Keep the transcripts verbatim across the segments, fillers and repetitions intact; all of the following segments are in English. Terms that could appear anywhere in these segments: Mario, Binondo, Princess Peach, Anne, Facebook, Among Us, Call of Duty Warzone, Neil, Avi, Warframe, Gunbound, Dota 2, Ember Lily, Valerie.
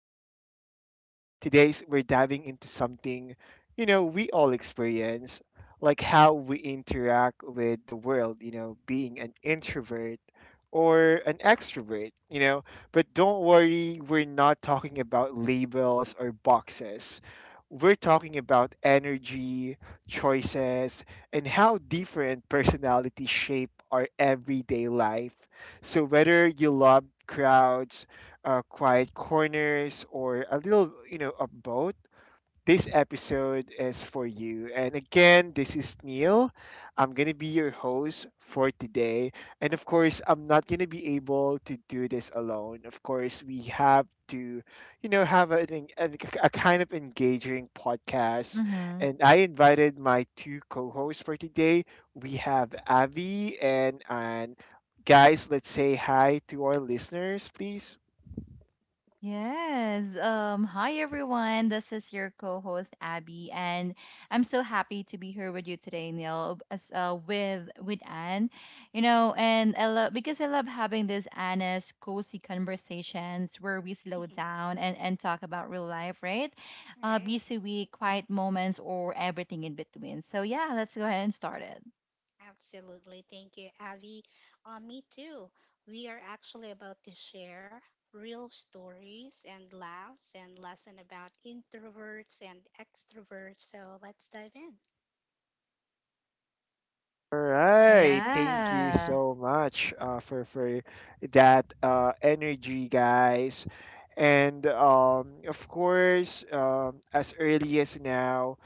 Hour podcast. Today's we're diving into something you know we all experience, like how we interact with the world. You know, being an introvert or an extrovert. You know, but don't worry, we're not talking about labels or boxes. We're talking about energy, choices, and how different personalities shape our everyday life so whether you love crowds, uh, quiet corners, or a little, you know, of both, this episode is for you. And again, this is Neil. I'm going to be your host for today. And of course, I'm not going to be able to do this alone. Of course, we have to, you know, have a en- a kind of engaging podcast. Mm-hmm. And I invited my two co hosts for today. We have Avi and, and guys, let's say hi to our listeners, please. Yes. Um, hi everyone. This is your co-host Abby, and I'm so happy to be here with you today, Neil, as uh, with with Anne. You know, and I love because I love having these honest, cozy conversations where we slow Mhm. down and and talk about real life, right? Uh, Right. busy week, quiet moments, or everything in between. So yeah, let's go ahead and start it. Absolutely. Thank you, Avi. Uh, me too. We are actually about to share real stories and laughs and lesson about introverts and extroverts. So let's dive in. All right, thank you Yeah. so much uh, for for that uh, energy, guys. And um, of course, um, as early as now,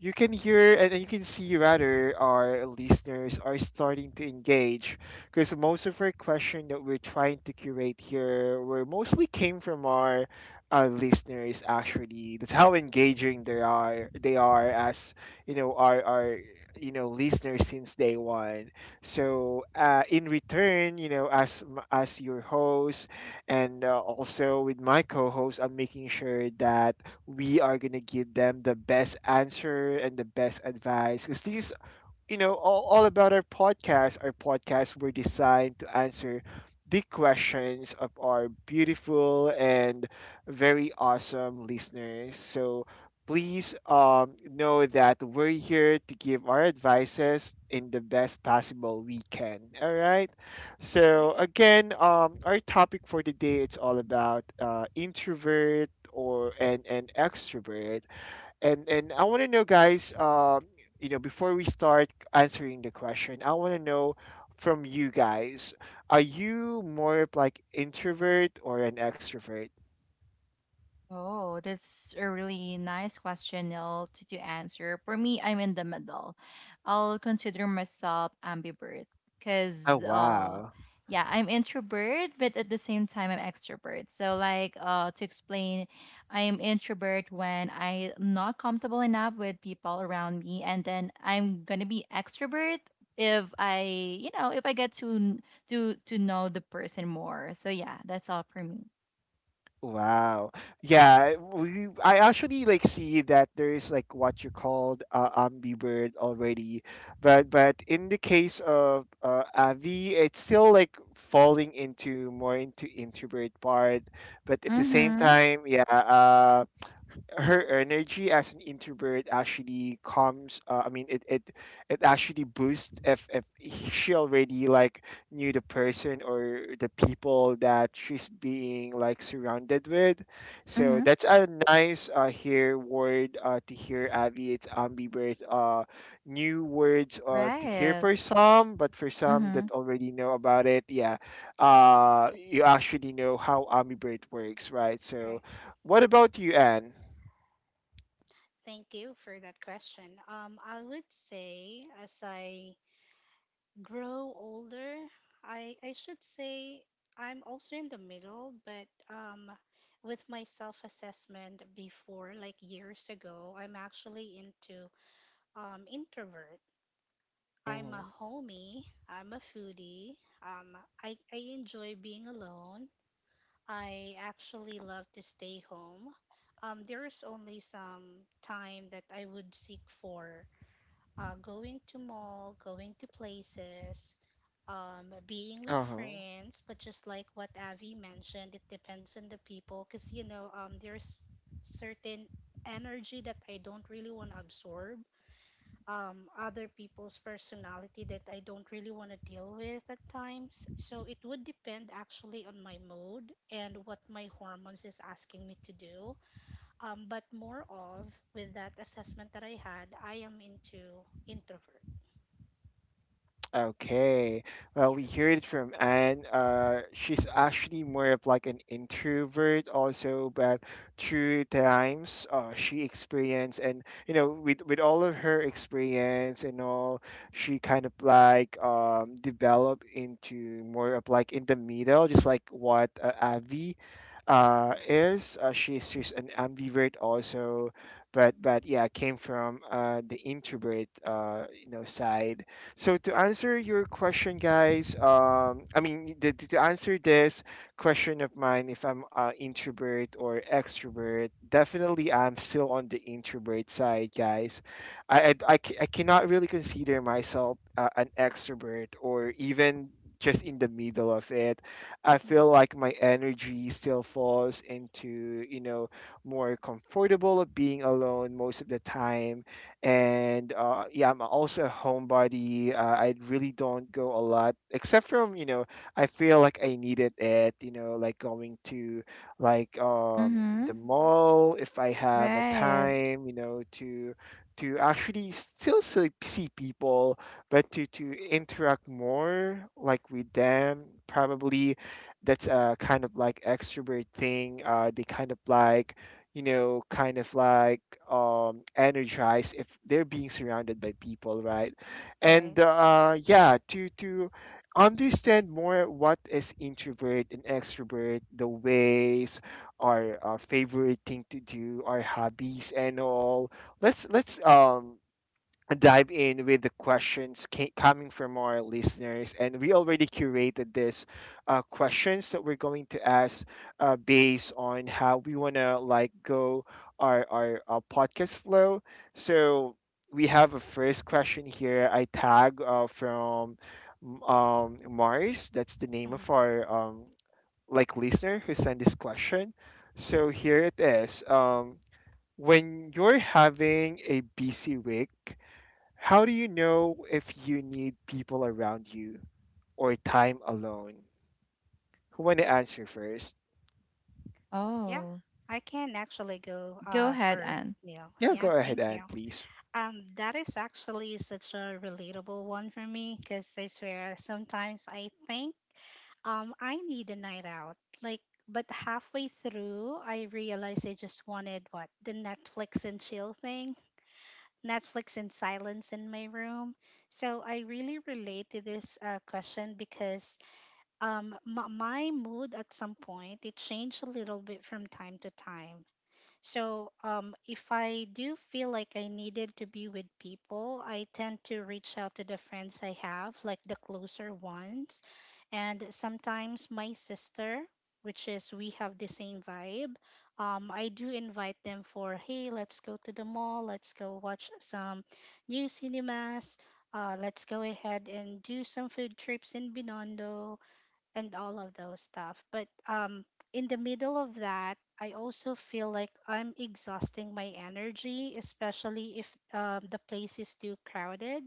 you can hear and you can see rather our listeners are starting to engage because most of our question that we're trying to curate here were mostly came from our uh, listeners actually that's how engaging they are they are as you know our our you know listeners since day one so uh, in return you know as m- as your host and uh, also with my co-host I'm making sure that we are going to give them the best answer and the best advice because these you know, all, all about our podcast. Our podcasts were designed to answer the questions of our beautiful and very awesome listeners. So please um, know that we're here to give our advices in the best possible we can. All right. All So right. again, um, our topic for today it's all about uh, introvert or and and extrovert and and I want to know, guys. Um, you know, before we start answering the question, I want to know from you guys: Are you more of like introvert or an extrovert? Oh, that's a really nice question, Neil, to, to answer. For me, I'm in the middle. I'll consider myself ambivert Oh because, uh, wow, yeah, I'm introvert, but at the same time, I'm extrovert. So, like, uh, to explain, I'm introvert when I'm not comfortable enough with people around me, and then I'm gonna be extrovert if I, you know, if I get to n- to to know the person more. So, yeah, that's all for me. wow, yeah. We I actually like see that there is like what you called uh, ambivert already, but but in the case of uh, Avi, it's still like falling into more into introvert part. But at the same Mm-hmm. time, yeah. uh, her energy as an introvert actually comes uh, I mean it, it it actually boosts if if she already like knew the person or the people that she's being like surrounded with so Mm-hmm. that's a nice uh here word uh to hear Abby. It's ambivert uh new words uh to hear Right. for some but for some that Mhm. already know about it yeah uh you actually know how ambivert works right All right. so what about you, Anne? Thank you for that question. Um, I would say as I grow older, I I should say I'm also in the middle, but um with my self-assessment before, like years ago, I'm actually into um introvert. I'm a Mm-hmm. homie, I'm a foodie. Um I I enjoy being alone. I actually love to stay home. Um there is only some time that I would seek for uh going to mall, going to places, um, being with Uh-huh. friends, but just like what Avi mentioned, it depends on the people because you know um, there's certain energy that I don't really want to absorb, um, other people's personality that I don't really want to deal with at times. So it would depend actually on my mood and what my hormones is asking me to do. Um, but more of with that assessment that I had, I am into introvert. Okay. Well, Yeah. we heard it from Anne. Uh, she's actually more of like an introvert also, but through times uh, she experienced and you know with with all of her experience and all, she kind of like um developed into more of like in the middle, just like what uh, Avi uh is. Uh, she's she's an ambivert also, but but yeah, came from uh the introvert uh you know side so to answer your question, guys, um, I mean the, to answer this question of mine, if I'm uh, introvert or extrovert, definitely I'm still on the introvert side, guys. I I, Mhm. I ca- I cannot really consider myself uh, an extrovert or even just in the middle of it. I feel like my energy still falls into you know more comfortable of being alone most of the time and uh, yeah, I'm also a homebody. Uh, I really don't go a lot, except from you know, I feel like I needed it you know, like going to like um the Mhm. mall if I have a Right. time, you know, to to actually still see, see people, but to to interact more like with them. Probably that's a kind of like extrovert thing. Uh, they kind of like you know, kind of like um, energized if they're being surrounded by people, right? Right. And uh, yeah, to to understand more what is introvert and extrovert, the ways, our, uh favorite thing to do, our hobbies and all. Let's let's um dive in with the questions ca- coming from our listeners. And we already curated this uh, questions that we're going to ask uh, based on how we want to like go our, our, uh podcast flow. So we have a first question here. I tag uh, from um, Mars. That's the name Mm-hmm. of our um, like listener who sent this question. So here it is. Um, when you're having a busy week, how do you know if you need people around you or time alone? Who want to answer first? Yeah, Oh, I can actually go go uh ahead, first, Anne. Neil. Yeah, Yeah, go ahead, thank Anne, you. please. Um, that is actually such a relatable one for me because I swear sometimes I think um I need a night out. Like, but halfway through I realized I just wanted what the Netflix and chill thing, Netflix and silence in my room. So I really relate to this uh, question because, um, m- my mood at some point it changed a little bit from time to time, so, um, if I do feel like I needed to be with people, I tend to reach out to the friends I have, like the closer ones, and sometimes my sister, which is we have the same vibe. Um, I do invite them for, hey, let's go to the mall, let's go watch some new cinemas, uh, let's go ahead and do some food trips in Binondo and all of those stuff. But um, in the middle of that, I also feel like I'm exhausting my energy, especially if, um, the place is too crowded.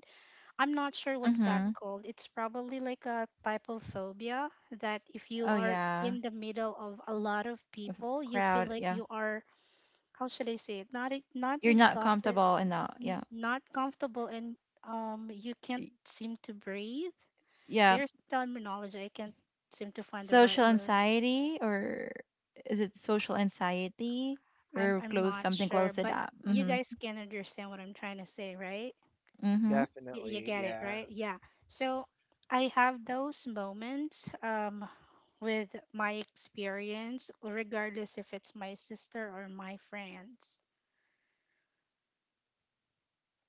I'm not sure what's that Mhm. called. It's probably like a type of phobia that if you Oh are yeah. in the middle of a lot of people, you feel Crowd. like Yeah. you are, how should I say it, not e- not You're not exhausted, comfortable enough. n- Yeah. not comfortable, and, um, you can't Y- seem to breathe. Yeah. There's terminology I can't seem to find the Social right word. anxiety, or is it social anxiety, I'm or I'm close not something sure, close it but up? you Mhm. guys can understand what I'm trying to say, right? Mhm. Y- you Definitely, get it, yeah. right? Yeah. So I have those moments, um with my experience, regardless if it's my sister or my friends.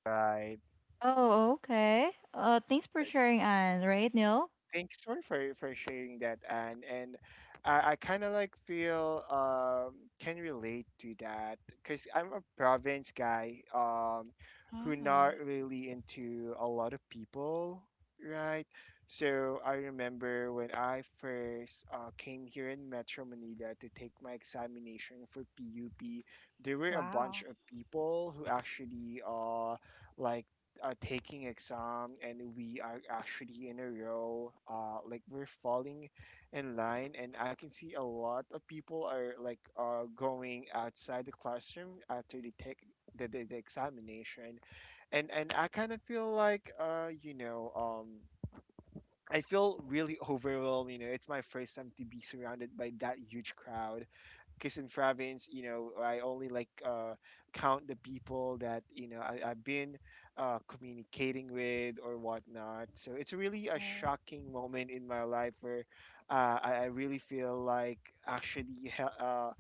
Right. Oh, okay. Uh, thanks for sharing, Anne. Right, Neil? Thanks for for, for sharing that, Anne. And I, I kind of like feel um, can relate to that because I'm a province guy um, who Mm-mm. not really into a lot of people, right? So I remember when I first uh, came here in Metro Manila to take my examination for P U P, there were a Wow. bunch of people who actually uh, like uh, taking exam and we are actually in a row uh like we're falling in line and I can see a lot of people are like uh going outside the classroom after they take the, the, the examination and and I kind of feel like uh you know um I feel really overwhelmed, you know. It's my first time to be surrounded by that huge crowd. Kisan province, you know, I only like uh, count the people that you know I, I've been uh, communicating with or whatnot. So it's really a Right. shocking moment in my life where uh, I, I really feel like actually he- uh,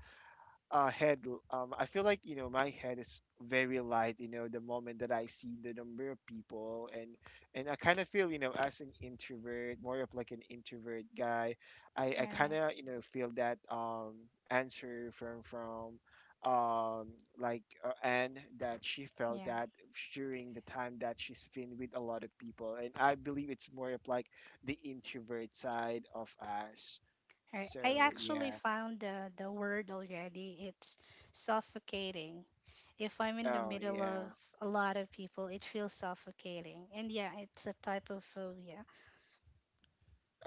uh, head, um, I feel like you know my head is very light. You know, the moment that I see the number of people, and and I kind of feel you know as an introvert, more of like an introvert guy, I I Right. kind of you know feel that um answer from from um like uh, Anne that she felt Yeah. that during the time that she's been with a lot of people, and I believe it's more of like the introvert side of us. Right. So I actually yeah, found the, the word already. It's suffocating. If I'm in the oh middle of yeah. a lot of people, it feels suffocating. And yeah, it's a type of phobia.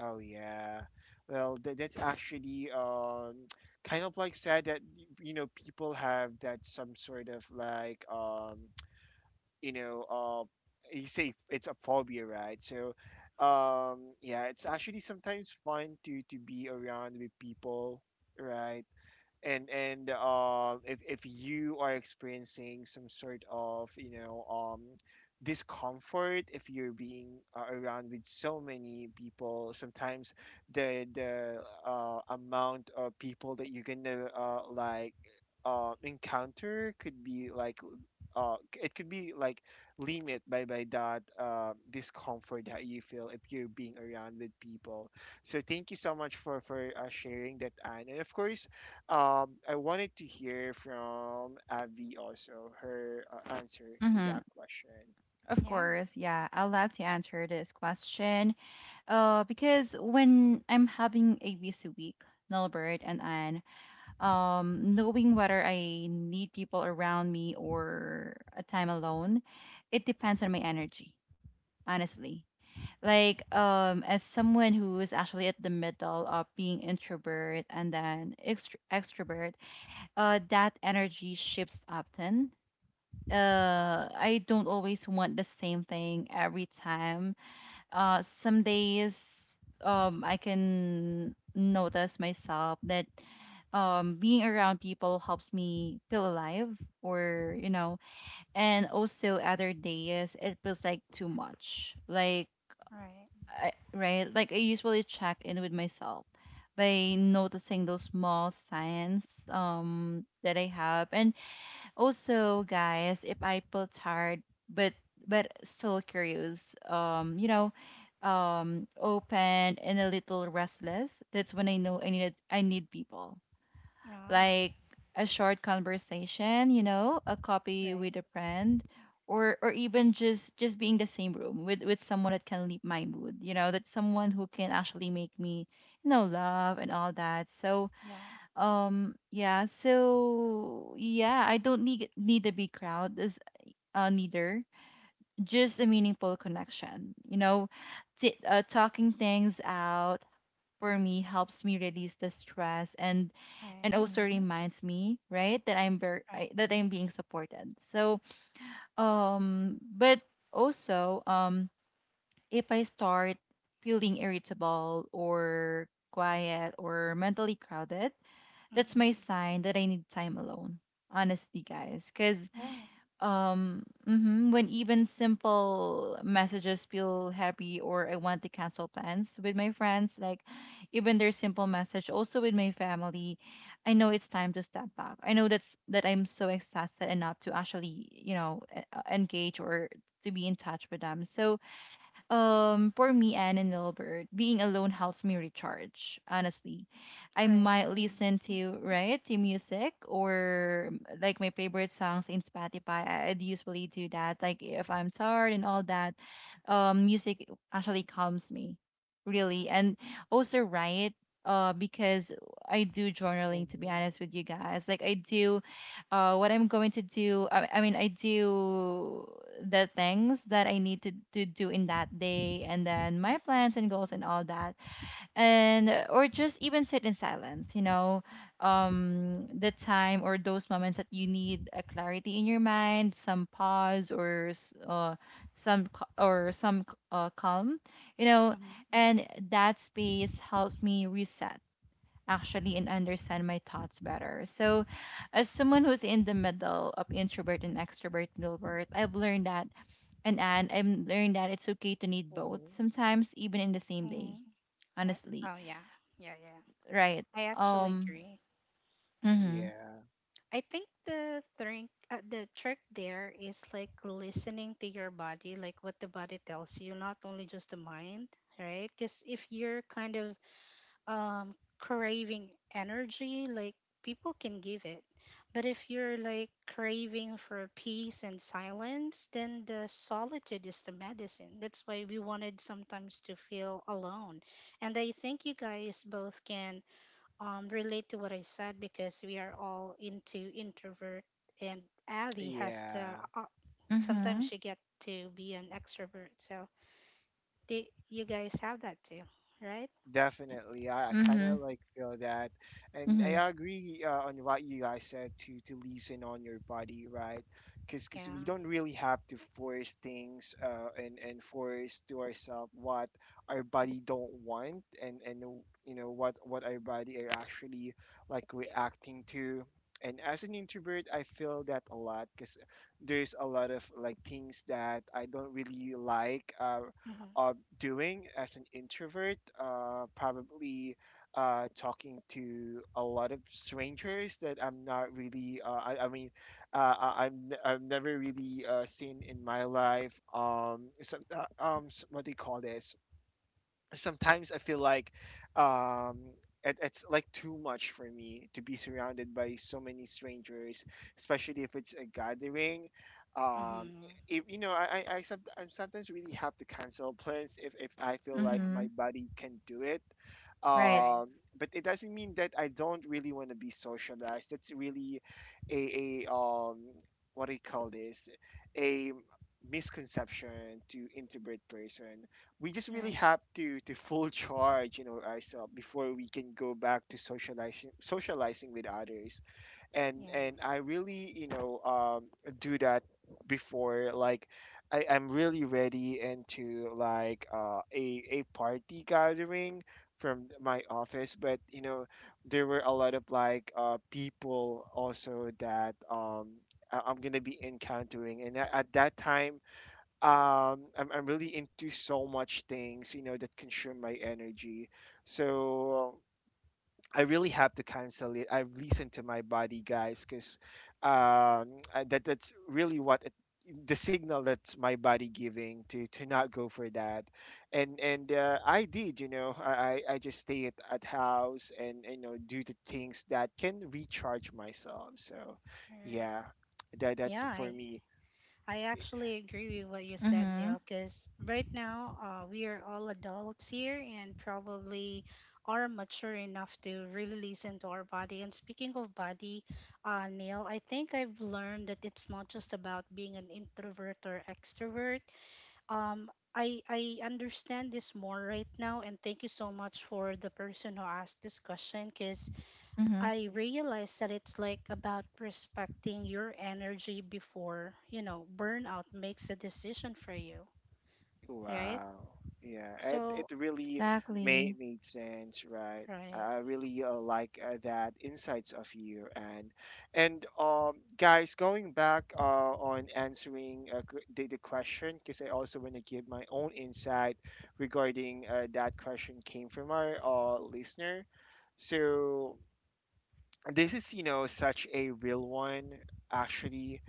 Oh yeah. Well, th- that's actually um kind of like sad that y- you know people have that some sort of like um you know uh you say it's a phobia, right? So um yeah, it's actually sometimes fun to to be around with people, right? and and uh, if if you are experiencing some sort of you know um discomfort if you're being uh, around with so many people sometimes the the uh, amount of people that you're gonna uh, like uh, encounter could be like uh c- it could be like limit by by that uh, discomfort that you feel if you're being around with people so thank you so much for for uh, sharing that Anne. And of course um I wanted to hear from Avi also her uh, answer to Mhm. that question. Of Yeah, course. Yeah. I'll love to answer this question. Uh, because when I'm having a busy week, Nilbert and Anne, um, knowing whether I need people around me or a time alone, it depends on my energy, honestly. Like, um, as someone who is actually at the middle of being introvert and then extr extrovert, uh, that energy shifts often. Uh, I don't always want the same thing every time uh some days um I can notice myself that um being around people helps me feel alive or you know and also other days it feels like too much like right. I, right like I usually check in with myself by noticing those small signs um that I have and also, guys, if I feel tired but but still curious, um, you know, um, open and a little restless, that's when I know I need I need people. Oh, Like a short conversation, you know, a coffee with right. a friend, or or even just just being the same room with with someone that can lift my mood, you know, that someone who can actually make me, you know, laugh and all that. So, Yeah, um, yeah, so yeah, I don't need need a big crowd as uh neither. Just a meaningful connection. You know, t uh, talking things out for me helps me release the stress and and right. also hmm reminds me, right, that I'm very Right. I, that I'm being supported. So, um, but also, um, if I start feeling irritable or quiet or mentally crowded, that's my Mm-hmm. sign that I need time alone. Honestly, guys, because Right. um, mhm, when even simple messages feel happy or I want to cancel plans with my friends, like even their simple message, also with my family, I know it's time to step back. I know that's that I'm so exhausted enough to actually, you know, e- uh, engage or to be in touch with them. So, um, for me, Anne and Albert, being alone helps me recharge. Honestly, I Right. might listen to right to music or um, like my favorite songs in Spotify. I- I'd usually do that. Like if I'm tired and all that, um, music actually calms me, really. And also, right, uh, because I do journaling. To be Mm-hmm. honest with you guys, like I do uh, what I'm going to do. I, I mean, I do the things that I need to, to do in that day, and then my Mm-hmm. plans and goals and all that, and uh, or just even sit in silence. You know, um, the time or those moments that you need a clarity in your mind, some pause or s- uh, some c- or some c- uh, calm. You know, Mm-hmm. and that space helps me reset actually and understand my thoughts better. So, as someone who's in the middle of introvert and extrovert Gilbert, I've learned that and and I've learned that it's okay to need both Mm-hmm. sometimes, even in the same day. Mm-hmm. Right. Honestly, Oh, yeah. Yeah, yeah. right? I actually Um. agree. Mhm. Yeah, I think the trick, uh, the trick there is like listening to your body, like what the body tells you, not only just the mind, right? Because if you're kind of, um, craving energy, like people can give it. But if you're like craving for peace and silence, then the solitude is the medicine. That's why we wanted sometimes to feel alone. And I think you guys both can, um, relate to what I said because we are all into introvert, and Abby has to. yeah. Uh, sometimes Mhm. she get to be an extrovert, so they, you guys have that too, right? Definitely, I, I kind of Mhm. like feel that, and I Mhm. agree uh, on what you guys said to to listen on your body, right? Because because we Yeah. don't really have to force things uh, and and force to ourselves what our body don't want, and and you know what what our body are actually like reacting to. And as an introvert, I feel that a lot because there's a lot of like things that I don't really like. Uh, Mhm. um, doing as an introvert, uh, probably uh, talking to a lot of strangers that I'm not really, uh, I, I mean, uh, I, I'm, n- I've never really uh, seen in my life. Um, some, uh, um, s- what do you call this? Sometimes I feel like um, it, it's like too much for me to be surrounded by so many strangers, especially if it's a gathering. Um, Mhm. if you know, I I, I, some, I sometimes really have to cancel plans if if I feel like my Mhm. body can do it. Right. Right. Um, but it doesn't mean that I don't really want to be socialized. That's really a, a um, what do you call this? A misconception to introvert person. We just really Right. have to to full charge, you know, ourselves before we can go back to socializing socializing with others. and Yeah. and I really, you know um do that before, like, I, i'm really ready into like uh, a a party gathering from my office. But you know, there were a lot of like uh people also that um I- i'm gonna be encountering and a- at that time. um I'm, I'm really into so much things, you know, that consume my energy. So I really have to cancel it. I've listened to my body, guys, because um I- that that's really what it, the signal that my body giving to to not go for that. And and uh, I did, you know, i i I just stay at, at house, and you know, do the things that can recharge myself. So Right. yeah, that that's Yeah. for I, me. I actually agree with what you said, Mhm. Neil, because right now, uh, we are all adults here and probably are mature enough to really listen to our body. And speaking of body, uh, Neil, I think I've learned that it's not just about being an introvert or extrovert. Um, I, I understand this more right now, and thank you so much for the person who asked this question because Mhm. I realize that it's like about respecting your energy before, you know, burnout makes a decision for you, right? Wow. Yeah, it it So, really Exactly. made made sense, right? right. I really uh, like uh, that insights of you. And and um guys, going back uh on answering uh, q- the, the question, because I also want to give my own insight regarding uh, that question came from our uh, listener. So this is, you know, such a real one, actually.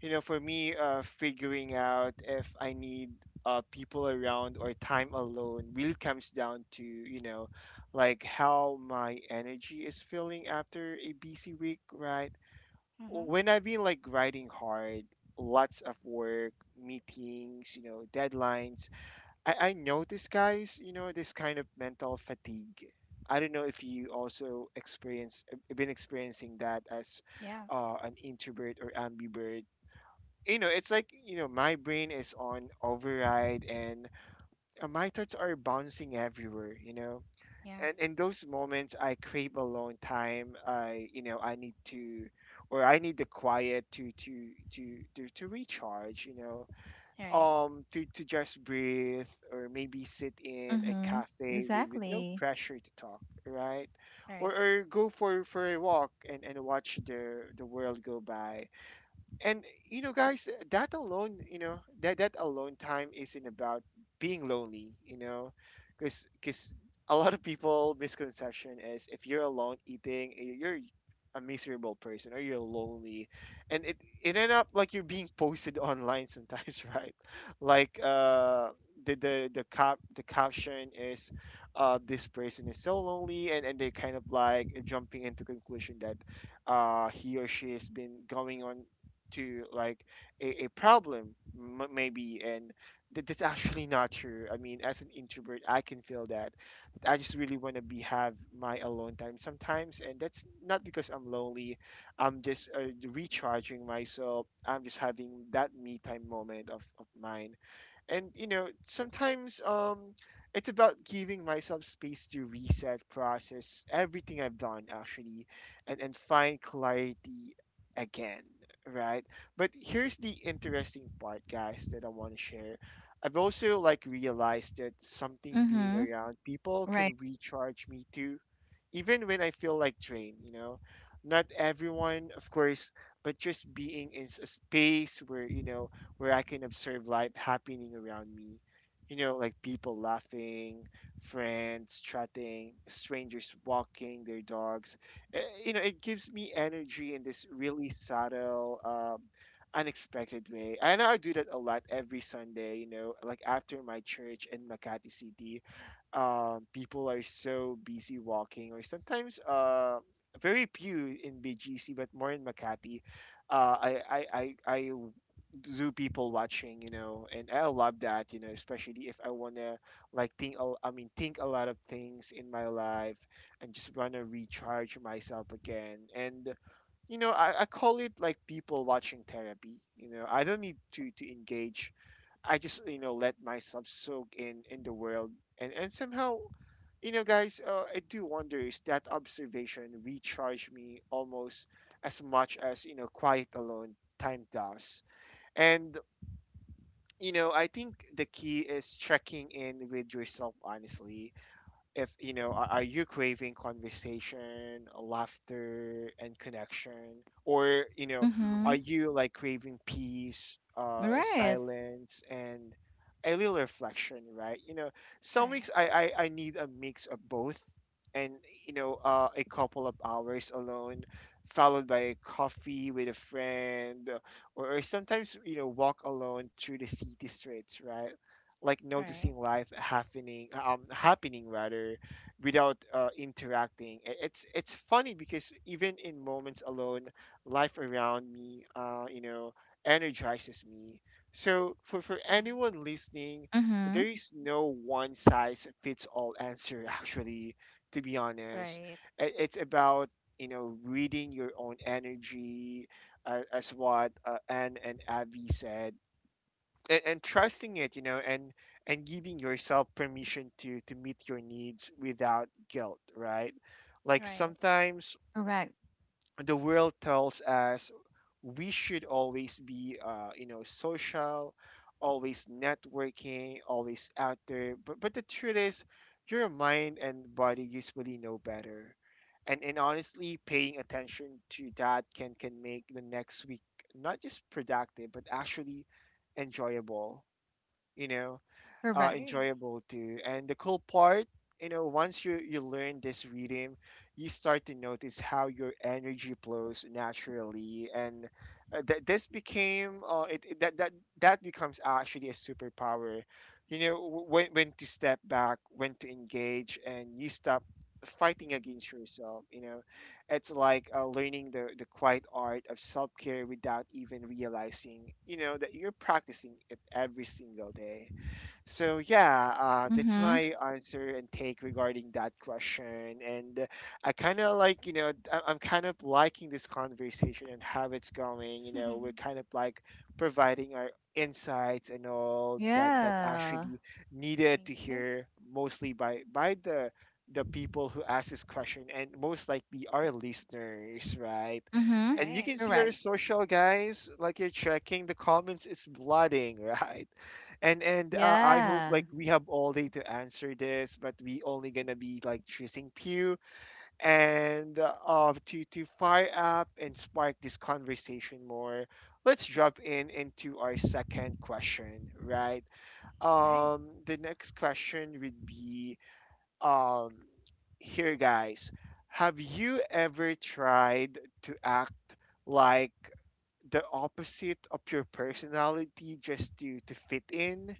You know, for me, uh figuring out if I need uh people around or time alone really comes down to, you know, like how my energy is feeling after a busy week, right? Mm-hmm. When I've been like grinding hard, lots of work, meetings, you know, deadlines. I, I know this, guys, you know, this kind of mental fatigue. I don't know if you also experience uh, been experiencing that as Yeah. uh, an introvert or ambivert. You know, it's like, you know, my brain is on override, and uh, my thoughts are bouncing everywhere, you know. Yeah. And in those moments, I crave alone time. I, you know, I need to, or I need the quiet to to to to, to recharge, you know, Right. um to to just breathe, or maybe sit in a Mhm. cafe with with no Exactly. pressure to talk, right? Or Right. or go for for a walk and and watch the the world go by. And you know, guys, that alone, you know, that that alone time isn't about being lonely, you know, because because a lot of people misconception is, if you're alone eating, y- you're a miserable person or you're lonely. And it it end up like you're being posted online sometimes, right? Like uh the the the cap the caption is, uh this person is so lonely, and and they're kind of like jumping into conclusion that uh, he or she has been going on to like a, a problem, m- maybe. And that, that's actually not true. I mean, as an introvert, I can feel that. I just really want to be have my alone time sometimes, and that's not because I'm lonely. I'm just uh, recharging myself. I'm just having that me time moment of, of mine. And you know, sometimes, um it's about giving myself space to reset, process everything I've done, actually, and and find clarity again, right? But here's the interesting part, guys, that I want to share. I've also like realized that something being Mhm. around people Right. can recharge me too, even when I feel like drained, you know. Not everyone, of course, but just being in s- a space where, you know, where I can observe life happening around me. You know, like people laughing, friends chatting, strangers walking their dogs. Eh, you know, it gives me energy in this really subtle, um, unexpected way. And I do that a lot every Sunday, you know, like after my church in Makati City. Um, people are so busy walking, or sometimes uh, very few in B G C, but more in Makati. Uh, I I, I, I do people watching, you know, and I love that, you know, especially if I wanna like think, a- I mean, think a lot of things in my life, and just wanna recharge myself again. And you know, I, I call it like people watching therapy. You know, I don't need to to engage. I just, you know, let myself soak in in the world. And and somehow, you know, guys, uh, I do wonder, is that observation recharge me almost as much as, you know, quiet alone time does. And you know, I think the key is checking in with yourself honestly. If you know are, Are you craving conversation, laughter, and connection? Or you know, are Mhm. you like craving peace, uh Right. silence, and a little reflection, right? You know, some Right. weeks i i, I need a mix of both. And you know, uh, a couple of hours alone followed by a coffee with a friend, or or sometimes, you know, walk alone through the city streets, right? Like Right. noticing life happening, um happening rather, without uh, interacting. I- it's it's funny because even in moments alone, life around me, uh you know, energizes me. So for for anyone listening, there Mhm. is no one size fits all answer, actually, to be Right. honest. Right. I- it's about, you know, reading your own energy, uh, as what uh, Anne and Avi said, and and trusting it, you know. And and giving yourself permission to to meet your needs without guilt, right? Like Right. sometimes Correct. the world tells us we should always be uh, you know, social, always networking, always out there. But but the truth is, your mind and body usually know better. And and honestly, paying attention to that can can make the next week not just productive, but actually enjoyable, you know, uh, Correct. Agree. enjoyable too. And the cool part, you know, once you you learn this rhythm, you start to notice how your energy flows naturally. And uh, that this became uh, it, it- that that that becomes actually a superpower, you know, w- when when to step back, when to engage, and you stop fighting against yourself, you know. It's like uh, learning the the quiet art of self-care without even realizing, you know, that you're practicing it every single day. So yeah, uh, that's Mhm. my answer and take regarding that question. And uh, I kind of like, you know, I- I'm kind of liking this conversation and how it's going. You know, we're kind of like providing our insights and all that, that Yeah. actually needed Me to too. hear, mostly by by the the people who asked this question, and most likely our listeners, right? Mhm. And you Right. can see our Correct. social, guys, like you're checking the comments, it's flooding, right? And and uh, I hope Yeah. like we have all day to answer this, but we only gonna be like choosing Pew, and uh, uh, to to fire up and spark this conversation more. Let's drop in into our second question, right? Right. Um, the next question would be, um, here, guys. Have you ever tried to act like the opposite of your personality just to to fit in?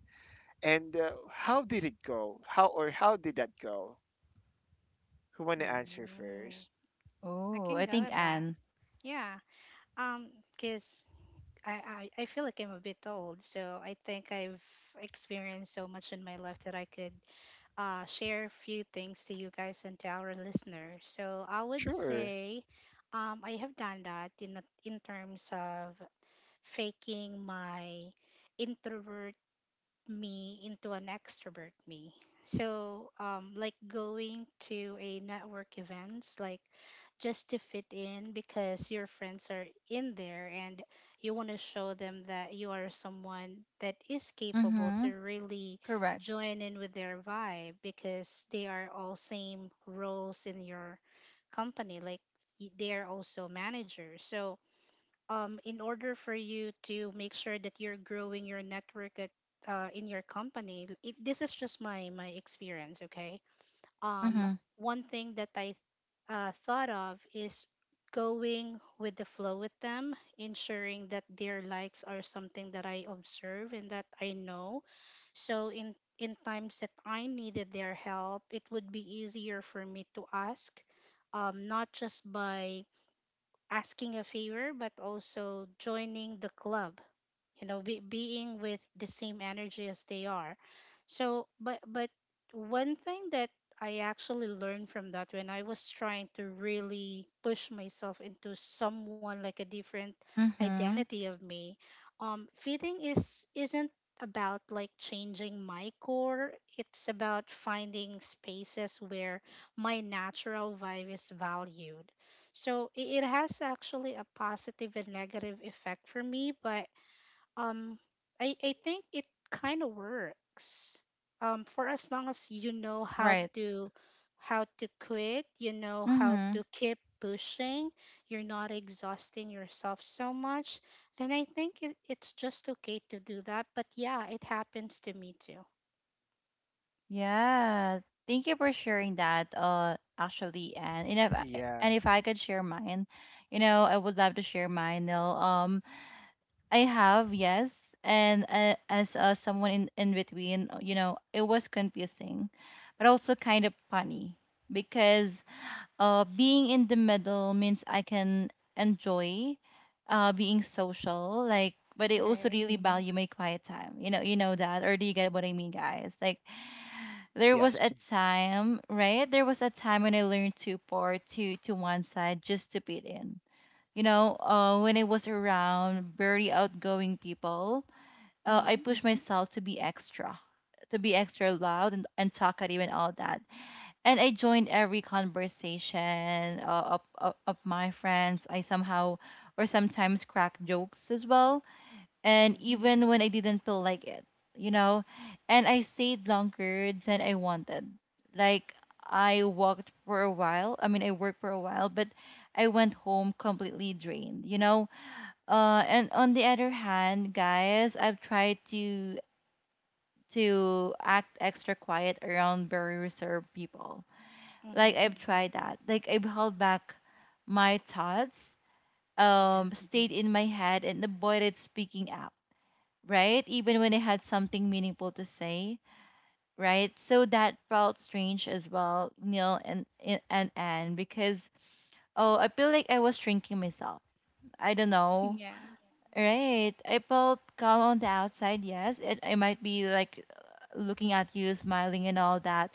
And uh, how did it go? How, or how did that go? Who want to answer Mm-hmm. first? I Oh, can I go think with that. Anne. Yeah. Um, because I, I, I feel like I'm a bit old, so I think I've experienced so much in my life that I could, uh, share a few things to you guys and to our listeners. So I would Sure. say, um, I have done that in, a- in terms of faking my introvert me into an extrovert me. So, um, like going to a network events, like just to fit in because your friends are in there and you want to show them that you are someone that is capable to Mhm. really Correct. join in with their vibe because they are all same roles in your company. Like y- they are also managers. So, um, in order for you to make sure that you're growing your network at, uh, in your company, it, this is just my my experience, okay. um, Mhm. one thing that I uh, thought of is going with the flow with them, ensuring that their likes are something that I observe and that I know. So in in times that I needed their help, it would be easier for me to ask, um, not just by asking a favor, but also joining the club, you know be, being with the same energy as they are. So but but one thing that I actually learned from that, when I was trying to really push myself into someone like a different Mhm. identity of me, um fitting is isn't about like changing my core. It's about finding spaces where my natural vibe is valued. So i- it has actually a positive and negative effect for me. But um, I I think it kind of works. Um, for as long as you know how Right. to how to quit, you know how Mhm. to keep pushing, you're not exhausting yourself so much, then I think it, it's just okay to do that. But yeah, it happens to me too. Yeah. Thank you for sharing that. Uh, actually, Anne. And if I, Yeah. and if I could share mine, you know, I would love to share mine. Now, um, I have yes, and uh, as uh, someone in in between, uh, you know, it was confusing, but also kind of funny because uh, being in the middle means I can enjoy uh, being social, like, but I All also right. really value my quiet time. You know, you know that, or do you get what I mean, guys? Like, there was a Yes. time, right? There was a time when I learned to pour to to one side just to fit in. You know, uh, when I was around very outgoing people, uh, I Mm-hmm. pushed myself to be extra, to be extra loud and, and talkative and all that, and I joined every conversation uh, of, of of my friends. I somehow or sometimes crack jokes as well, and Mm-hmm. even when I didn't feel like it, you know. And I stayed longer than I wanted. Like I walked for a while. I mean, I worked for a while, but I went home completely drained, you know. Uh, and on the other hand, guys, I've tried to to act extra quiet around very reserved people, like Mm-hmm. I've tried that. Like I've held back my thoughts, Yeah. um, stayed in my head and avoided speaking up, right? Even when I had something meaningful to say, right? So that felt strange as well, Neil and and and Anne, because oh, I feel like I was shrinking myself. I don't know. Yeah. Right. I felt calm on the outside, yes, and I might be like looking at you, smiling and all that.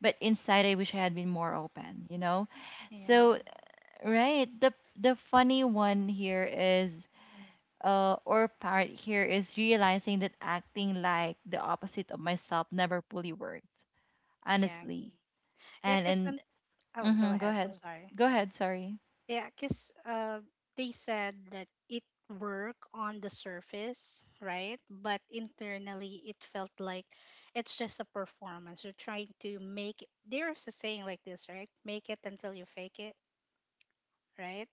But inside, I wish I had been more open, you know? Yeah. So right. The the funny one here is uh or part here is realizing that acting like the opposite of myself never fully worked, Yeah. honestly. Yeah. And Cause I'm. and Oh, go mm-hmm, go ahead. I'm ahead. sorry. Go ahead, sorry. Yeah, because, uh, they said that it worked on the surface, right? But internally, it felt like it's just a performance. You're trying to make it. There's a saying like this, right? Make it until you fake it, right?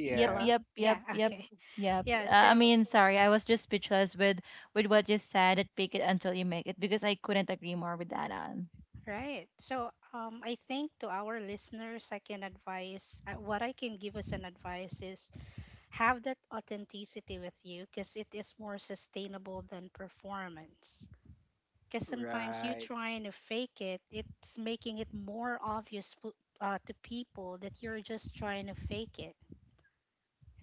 Yep, Hello? Yeah. yep, yep, Yeah, yep. okay. Yep. Yeah, Uh, I so, mean, sorry. I was just speechless with with what you said. It fake it until you make it because I couldn't agree more with that on. right. So, um, I think to our listeners, I can advise, uh, what I can give as an advice is have that authenticity with you because it is more sustainable than performance, because sometimes you Right. trying to fake it, it's making it more obvious, po- uh, to people that you're just trying to fake it,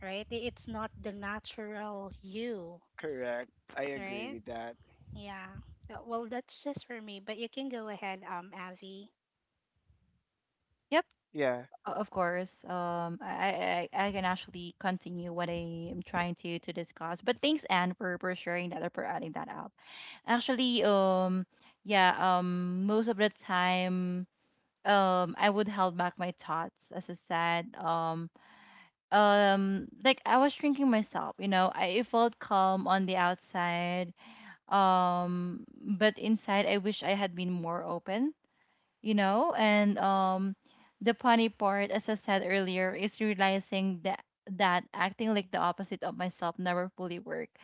right? I- it's not the natural you, Correct. I agree right? with that. Yeah. Uh, well, that's just for me, but you can go ahead, um Avi, Yep. Yeah. O- Of course, um, I, I I I can actually continue what I am trying to to discuss. But thanks, Anne, for for sharing that or for adding that up. Actually, um, yeah, um, most of the time, um, I would held back my thoughts, as I said, um, um, like I was shrinking myself. You know, I it felt calm on the outside, um, but inside, I wish I had been more open, you know, and um the funny part as I said earlier is realizing that that acting like the opposite of myself never fully worked.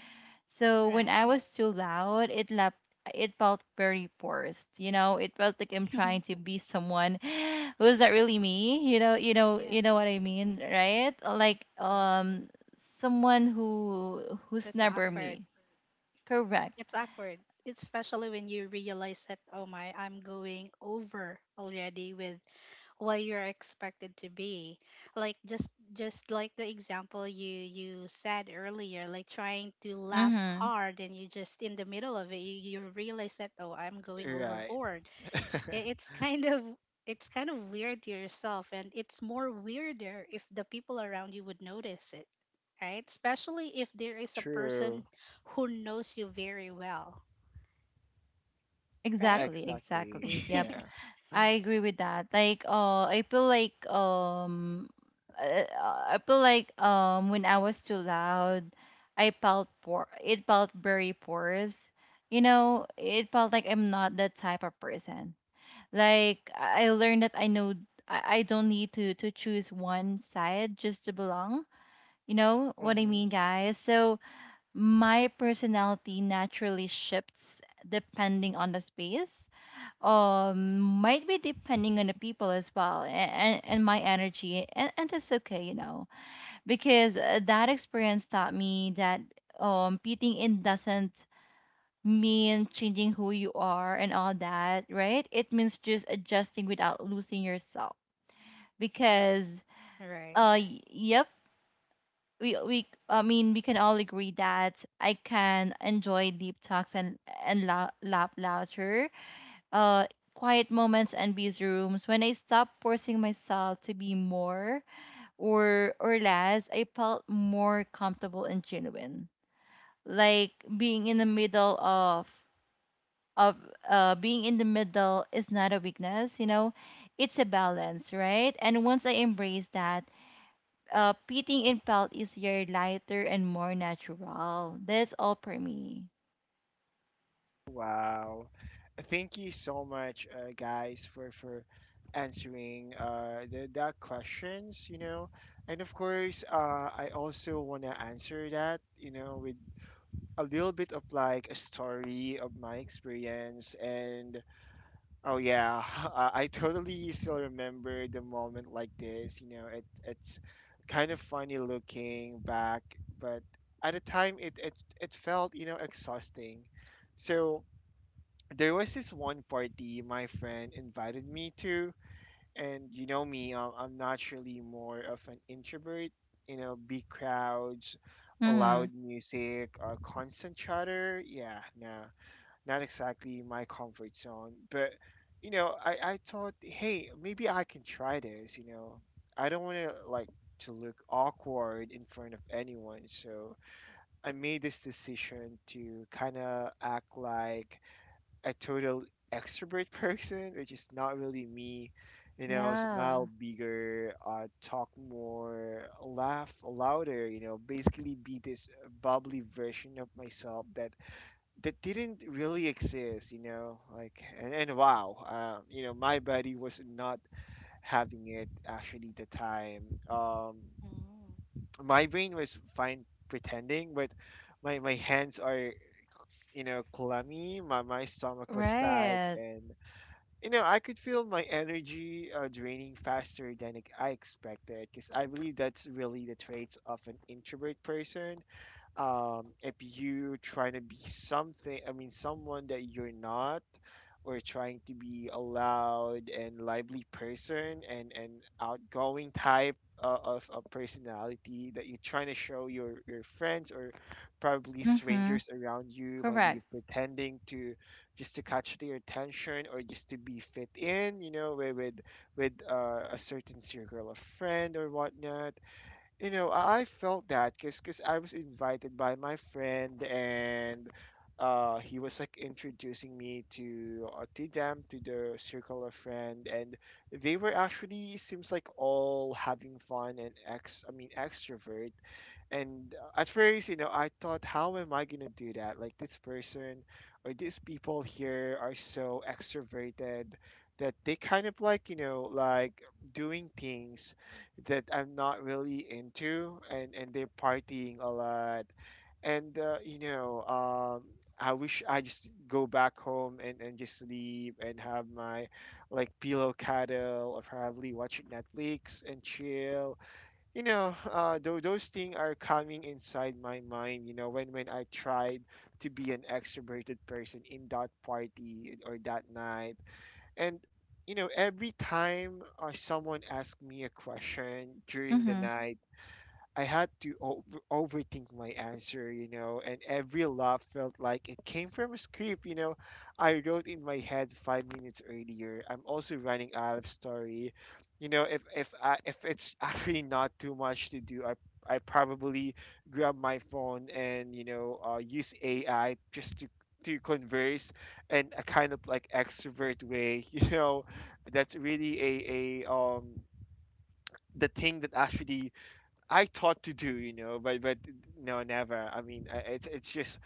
So when I right? was too loud it left it felt very forced, you know, it felt like I'm trying to be someone who's not really me, you know, you know Yeah, you know what I mean, right, like yeah, um someone who who's that's never awkward. me. Correct. It's awkward, especially when you realize that, oh my, I'm going over already with what you're expected to be, like, just just like the example you you said earlier, like trying to laugh Mm-hmm. hard, and you, just in the middle of it, you, you realize that, oh, I'm going Right. overboard. I- it's kind of it's kind of weird to yourself, and it's more weirder if the people around you would notice it, right? Especially if there is a True. person who knows you very well, right? Exactly Exactly. exactly yep. Yeah. I agree with that. Like, uh, I feel like um, uh, I feel like um, when I was too loud, I felt poor. It felt very porous. You know, it felt like I'm not that type of person. Like, I I learned that I know I, I don't need to to choose one side just to belong. You know what I Hmm. mean, guys? So my personality naturally shifts depending on the space, um, might be depending on the people as well and and my energy, and, and that's okay, you know, because uh, that experience taught me that um fitting in doesn't mean changing who you are and all that, right, it means just adjusting without losing yourself because Right. uh y- yep, we, we I mean we can all agree that I can enjoy deep talks and and la- laugh louder, uh, quiet moments and busy rooms. When I stopped forcing myself to be more or or less, I felt more comfortable and genuine. Like being in the middle of of uh, being in the middle is not a weakness, you know, it's a balance, right? And once I embraced that, uh, pitting in felt easier, lighter, and more natural. That's all for me. Wow. Thank you so much, uh, guys, for for answering uh the, that questions. You know, and of course, uh, I also wanna answer that. You know, with a little bit of like a story of my experience. And oh yeah, i, I totally still remember the moment like this. You know, it, it's kind of funny looking back, but at the time, it, it it felt, you know, exhausting. So there was this one party my friend invited me to, and you know me, um, I'm naturally more of an introvert. You know, big crowds, Hmm. loud music, uh, constant chatter. Yeah, no, not exactly my comfort zone. But you know, I I thought, hey, maybe I can try this. You know, I don't want to like to look awkward in front of anyone. So I made this decision to kind of act like a total extrovert person, which is not really me. You know, Yeah. smile bigger, uh, talk more, laugh louder. You know, basically be this bubbly version of myself that that didn't really exist. You know, like and, and wow, uh, you know, my body was not having it actually the time. Um, mm. my brain was fine pretending, but my my hands are, you know, clammy. My, my stomach was tight, Right. and you know, I could feel my energy uh, draining faster than ex- I expected, because I believe that's really the traits of an introvert person. Um, if you trying to be something, I mean, someone that you're not, or trying to be a loud and lively person and and outgoing type uh, of a personality that you're trying to show your your friends or probably Mm-hmm. strangers around you, maybe Correct. you're pretending to just to catch their attention or just to be fit in, you know, with with, with uh, a certain circle of friend or whatnot. You know, I I felt that because I was invited by my friend and uh, he was like introducing me to uh, to them to the circle of friend, and they were actually seems like all having fun and ex I mean extrovert. And uh, At first, you know, I thought, how am I gonna do that? Like this person or these people here are so extroverted that they kind of like, you know, like doing things that I'm not really into, and and they're partying a lot, and uh, you know, um, I wish I just go back home and and just sleep and have my like pillow cuddle or probably watch Netflix and chill. You know, uh, th- those things are coming inside my mind. You know, when when I tried to be an extroverted person in that party or that night. And you know, every time uh, someone asks me a question during the Hmm. night, I had to o- overthink my answer, you know, and every laugh felt like it came from a script, you know, I wrote in my head five minutes earlier. I'm also running out of story, you know. If if I, if it's actually not too much to do, I I probably grab my phone and, you know, uh, use A I just to to converse in a kind of like extrovert way, you know. That's really a a um the thing that actually I thought to do, you know, but but no, never. I mean, I- it's it's just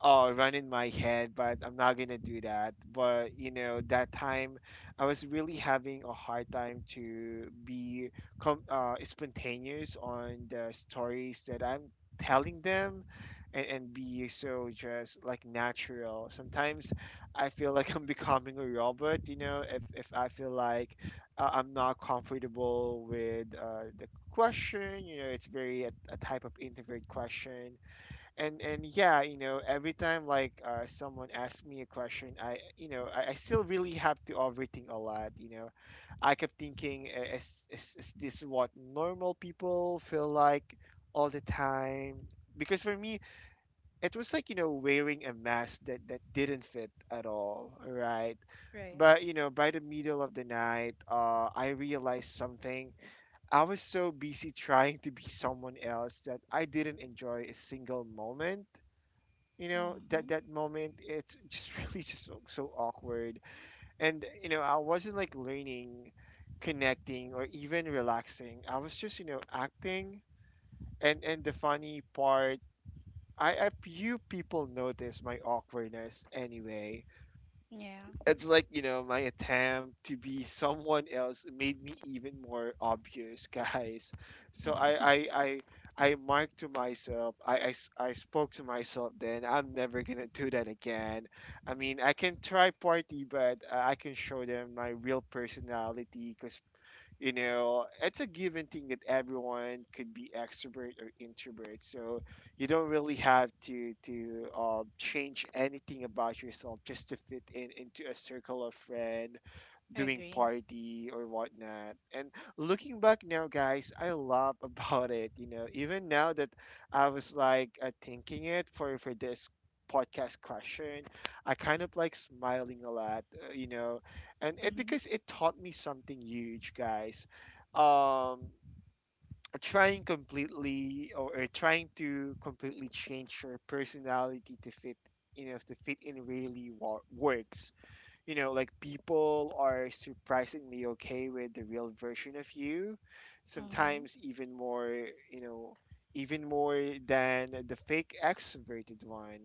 oh, run in my head, but I'm not gonna do that. But you know, that time I was really having a hard time to be com- uh, spontaneous on the stories that I'm telling them, and, and be so just like natural. Sometimes I feel like I'm becoming a robot, you know. If, if I feel like uh, I'm not comfortable with uh, the question, you know, it's very a, a type of introvert question. And and yeah, you know, every time like uh, someone asks me a question, I, you know, I, I still really have to overthink a lot, you know. I kept thinking, "I- is, is, is this what normal people feel like all the time? Because for me, it was like, you know, wearing a mask that that didn't fit at all, right?" Right. But you know, by the middle of the night, uh, I realized something. I was so busy trying to be someone else that I didn't enjoy a single moment. You know, that Hmm. that moment, it's just really just so, so awkward. And you know, I wasn't like learning, connecting, or even relaxing. I was just, you know, acting. And and the funny part, I a few people noticed my awkwardness anyway. Yeah. It's like, you know, my attempt to be someone else made me even more obvious, guys. So I I I I marked to myself, I, I s- I spoke to myself then, I'm never gonna do that again. I mean, I can try party, but uh, I can show them my real personality because you know it's a given thing that everyone could be extrovert or introvert. So you don't really have to to um, change anything about yourself just to fit in into a circle of friends I doing agree. party or whatnot. And looking back now, guys, I love about it. You know, even now that I was like uh, thinking it for for this podcast question, I kind of like smiling a lot. Uh, you know, and it Mhm. because it taught me something huge, guys. Um, Trying completely or, or trying to completely change your personality to fit, you know, to fit in really wa- works, you know, like people are surprisingly okay with the real version of you, Mhm. sometimes even more, you know, even more than the fake extroverted one.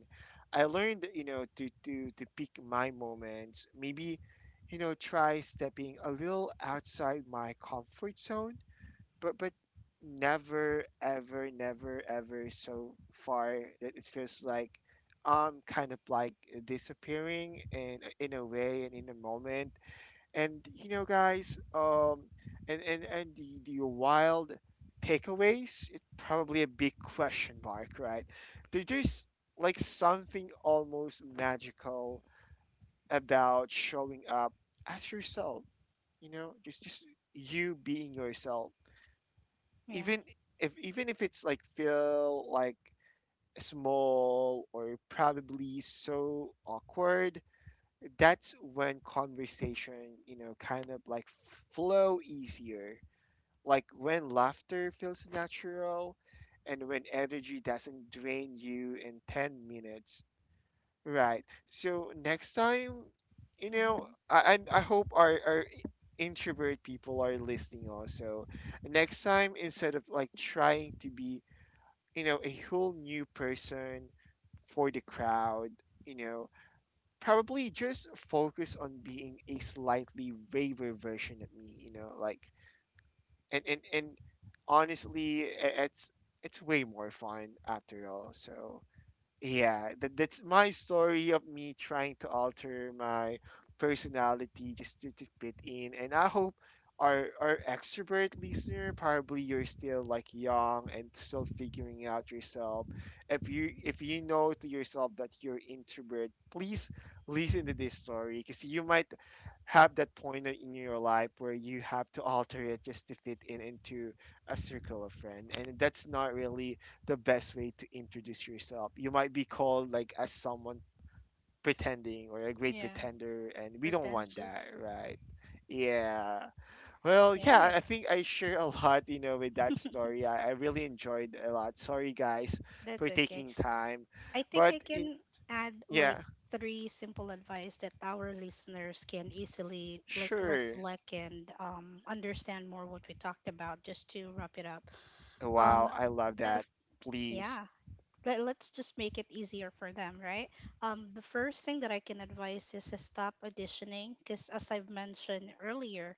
I learned, you know, to to to pick my moments, maybe, you know, try stepping a little outside my comfort zone, but but never ever, never ever so far that it feels like I'm kind of like disappearing in in a way and in a moment. And you know, guys, um, and and and the the wild takeaways, it's probably a big question mark, right? There, there's like something almost magical about showing up as yourself. You know, just just you being yourself, Yeah. even if even if it's like feel like small or probably so awkward. That's when conversation, you know, kind of like flow easier, like when laughter feels natural and when energy doesn't drain you in ten minutes, right? So next time, you know, Mhm. i I'm- I hope our, our introvert people are listening also. Next time, instead of like trying to be, you know, a whole new person for the crowd, you know, probably just focus on being a slightly braver version of me, you know, like. And and and honestly, i- it's it's way more fun after all. So yeah, that, that's my story of me trying to alter my personality just to, to fit in. And I hope our our extrovert listener, probably you're still like young and still figuring out yourself. If you if you know to yourself that you're introvert, please listen to this story because you might have that point in your life where you have to alter it just to fit in into a circle of friends. And that's not really the best way to introduce yourself. You might be called like as someone pretending or a great Yeah. pretender, and we don't want that, Pretentious. right? Yeah, well, yeah, i Right. I think I share a lot, you know, with that story. I, I really enjoyed a lot. Sorry, guys, That's for okay. taking time, I think but I in, can add like yeah. three simple advice that our listeners can easily like Sure. reflect and um understand more what we talked about just to wrap it up. Um Wow, I love the f- that. yeah, Please. let, let's just make it easier for them, right? Um the first thing that I can advise is to stop auditioning because, as I've mentioned earlier,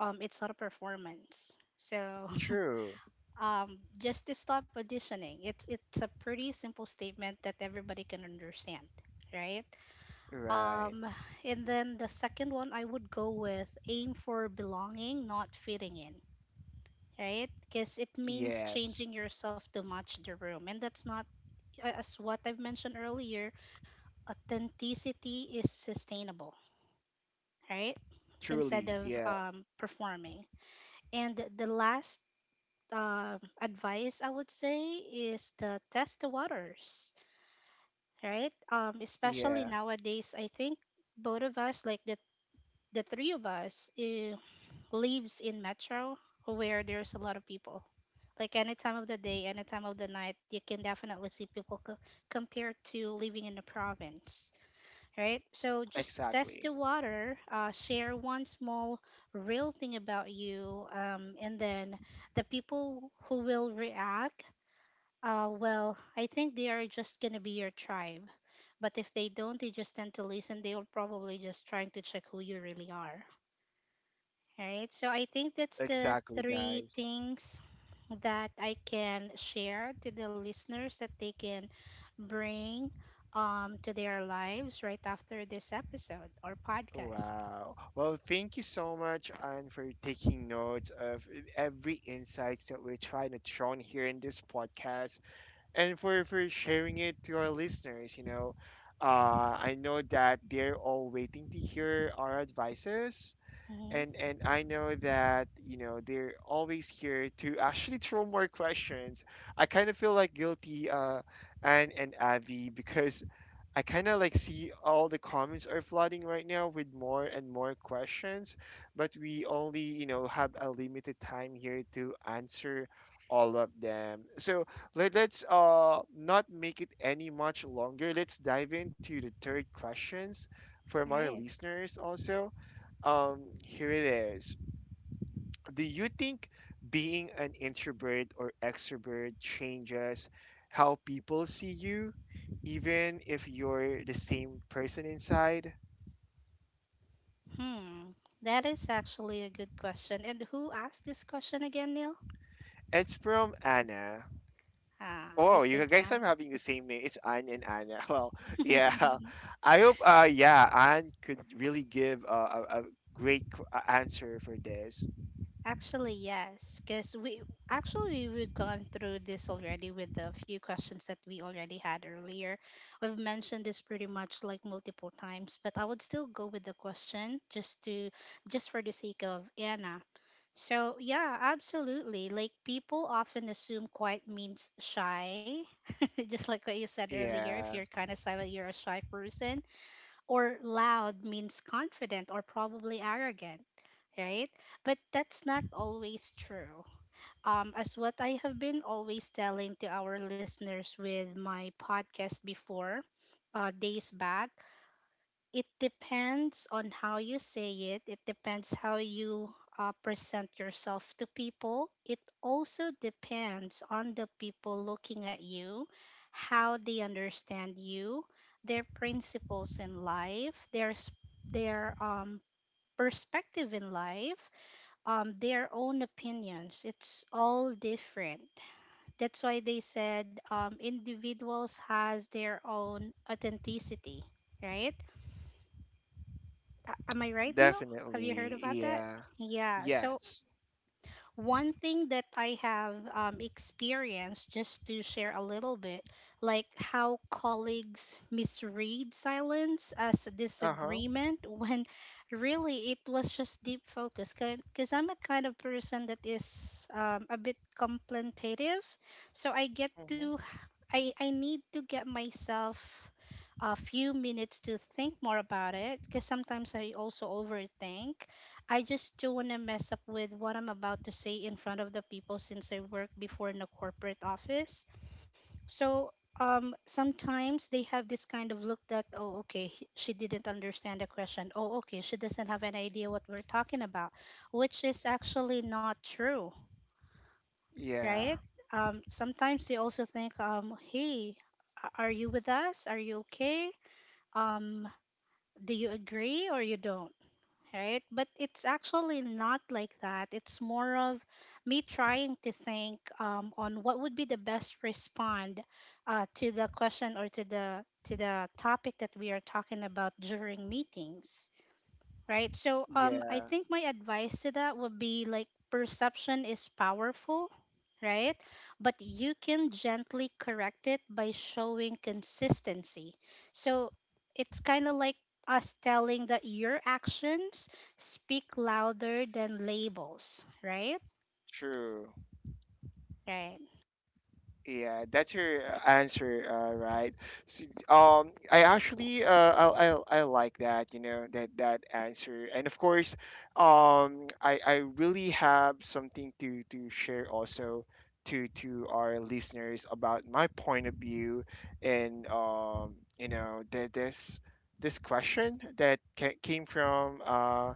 um it's not a performance, so. True. um just to stop auditioning, it's it's a pretty simple statement that everybody can understand, right? Right. Um and then the second one, I would go with aim for belonging, not fitting in, right? Because it means Yes. changing yourself to match the room, and that's not, a- as what I've mentioned earlier, authenticity is sustainable, right? Instead Truly. of, Yeah. um, performing. And the last, um, advice I would say is the test the waters, right? Um, especially Yeah. nowadays, I think both of us, like the the three of us, eh, lives in metro where there's a lot of people. Like any time of the day, any time of the night, you can definitely see people, co- compared to living in the province, right? So just test the Exactly. water, uh, share one small real thing about you, um, and then the people who will react uh, well, I think they are just gonna be your tribe. But if they don't, they just tend to listen. They'll probably just trying to check who you really are, right? So I think that's the Exactly, three guys. things that I can share to the listeners that they can bring um to their lives right after this episode or podcast. Wow. Well, thank you so much, Anne, for taking notes of every insights that we're trying to throw in here in this podcast and for, for sharing it to our listeners, you know. Uh, I know that they're all waiting to hear our advices. Hmm. and and I know that you know they're always here to actually throw more questions. I kind of feel like guilty, uh, and and Avi, because I kind of like see all the comments are flooding right now with more and more questions, but we only, you know, have a limited time here to answer all of them. So let, let's uh not make it any much longer. Let's dive into the third questions from our Right. listeners also. Um, here it is. Do you think being an introvert or extrovert changes how people see you, even if you're the same person inside? Hmm. That is actually a good question. And who asked this question again, Neil? It's from Anna. Ah, I Oh, you think guys are Anne. having the same name. It's Anne and Anna. Well, yeah. I hope, uh, yeah, Anne could really give uh, a, a great qu- a- answer for this. Actually, yes, because we actually we've gone through this already with the few questions that we already had earlier. We've mentioned this pretty much like multiple times, but I would still go with the question just to just for the sake of Anna. So yeah, absolutely. Like people often assume quiet means shy, just like what you said earlier. If Yeah, you're kind of silent, you're a shy person, or loud means confident or probably arrogant, right? But that's not always true. Um, as what I have been always telling to our listeners with my podcast before, uh, days back, it depends on how you say it, it depends how you uh, present yourself to people. It also depends on the people looking at you, how they understand you, their principles in life, their, s- their um, perspective in life, um, their own opinions. It's all different. That's why they said um, individuals has their own authenticity, right? A- am I right, Neil? Have you heard definitely. about that? Yeah. Yeah. So Yes. one thing that I have um, experienced, just to share a little bit, like how colleagues misread silence as Uh huh. disagreement when really it was just deep focus. Because I'm a kind of person that is um, a bit contemplative, so I get to Hmm. I I need to get myself a few minutes to think more about it because sometimes I also overthink. I just don't want to mess up with what I'm about to say in front of the people since I worked before in a corporate office. So um, sometimes they have this kind of look that, oh, okay, he- she didn't understand the question. Oh, okay, she doesn't have an idea what we're talking about, which is actually not true, Yeah. right? Um, sometimes they also think, um, hey, a- are you with us? Are you okay? um do you agree or you don't, right? But it's actually not like that. It's more of me trying to think um, on what would be the best respond uh, to the question or to the to the topic that we are talking about during meetings, right? So um, I Yeah, think my advice to that would be like perception is powerful, right? But you can gently correct it by showing consistency. So it's kind of like us telling that your actions speak louder than labels, right? true. Right. Yeah, that's your uh, answer, uh, right? So, um, I actually, uh, I, I, I like that, you know, that that answer. And of course, um, I, I really have something to to share also to to our listeners about my point of view and um, you know, the, this this question that ca- came from uh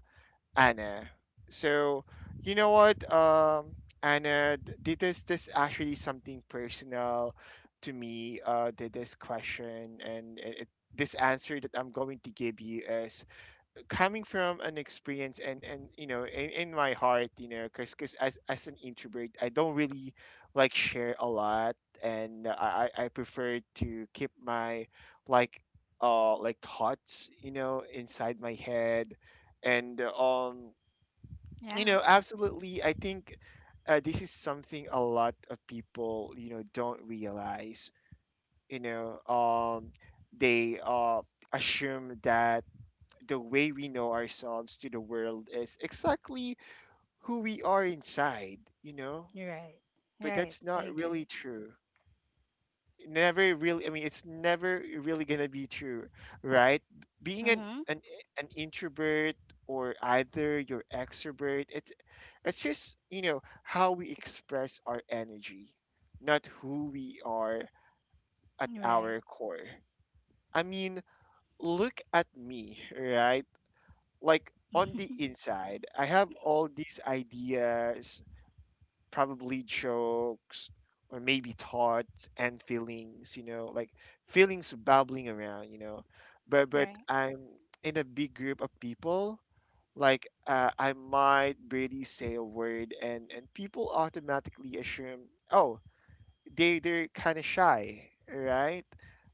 Anna. So, you know what, um, Anna, th- this this actually something personal to me. Uh, th- this question and it, it- this answer that I'm going to give you is coming from an experience. And and you know, in, in my heart, you know, because as as an introvert, I don't really like share a lot, and I I I prefer to keep my like uh like thoughts, you know, inside my head, and um you Yeah. know, absolutely. I think uh, this is something a lot of people, you know, don't realize. You know, um, they uh, assume that the way we know ourselves to the world is exactly who we are inside, you know, You're right. but Right. that's I not really agree. true. Never really, I mean, it's never really gonna be true, right? Being an, Mm-hmm. an, an introvert or either you're extrovert, it's it's just, you know, how we express our energy, not who we are at Right. our core. I mean, look at me, right? Like on the inside, I have all these ideas, probably jokes or maybe thoughts and feelings, you know, like feelings bubbling around, you know. But but Right. I'm in a big group of people, like, uh, I might barely say a word, and and people automatically assume, oh, they they're kind of shy, right?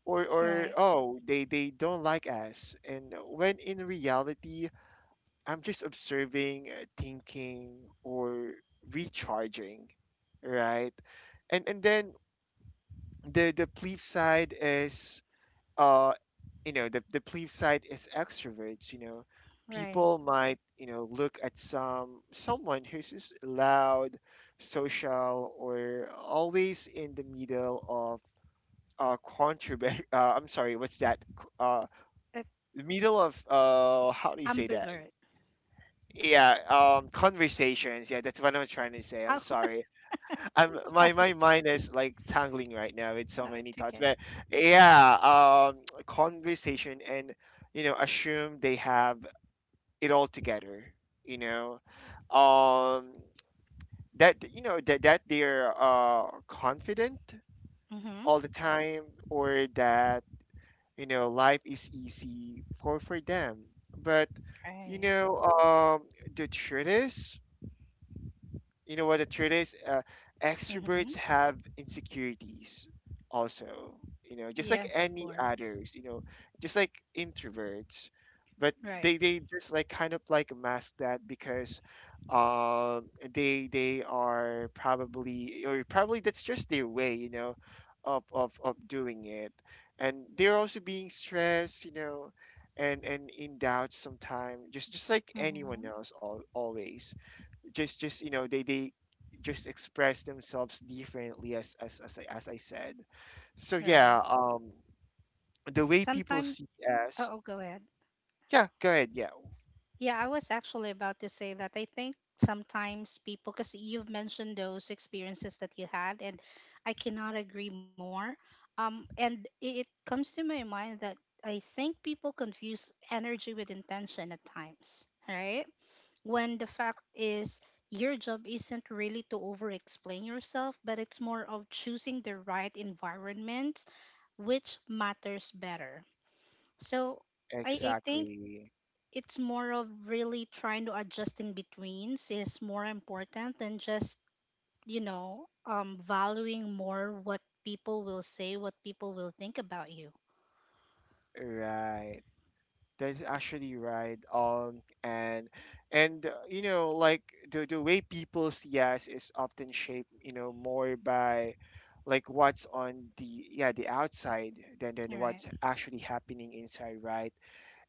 Or or Right. oh, they they don't like us. And when in reality, I'm just observing, uh, thinking, or recharging, right? And and then the the flip side is uh you know, the the plebe side is extroverts, you know, Right. people might, you know, look at some someone who's just loud, social, or always in the middle of uh contraband. uh, I'm sorry, what's that? C- uh Like The middle of, uh how do you say that? ambivert. Yeah. Um conversations, yeah, that's what I'm trying to say. I'm Oh, sorry. I'm, my my sorry. mind is like tangling right now with so Uh, many it's thoughts, okay. but yeah, um, conversation, and you know, assume they have it all together, you know, um, that, you know, that that they're uh confident Mm-hmm. all the time, or that, you know, life is easy for for them, but you Right. know, um the truth is. You know what the truth is? Uh, Mm-hmm. Extroverts have insecurities also, you know, just like Yes, of any course. others, you know, just like introverts. But Right. they, they just like kind of like mask that, because um they they are probably, or probably that's just their way, you know, of of, of doing it. And they're also being stressed, you know, and and in doubt sometimes, just just like anyone Mm-hmm. else, al always just just you know, they they just express themselves differently, as as as I, as I said. So yeah, Right. um, the way people Sometimes see oh, us. oh, go ahead. Yeah, go ahead. Yeah, Yeah, I was actually about to say that I think sometimes people, because you've mentioned those experiences that you had, and I cannot agree more. um and it, it comes to my mind that I think people confuse energy with intention at times, right? When the fact is your job isn't really to over explain yourself, but it's more of choosing the right environment which matters better. So I, I think exactly. it's more of really trying to adjust in betweens is more important than just, you know, um valuing more what people will say, what people will think about you, Right. That's actually right. Um, and and uh, you know, like the the way people see us is often shaped, you know, more by like what's on the, yeah, the outside, than than right? what's actually happening inside, right?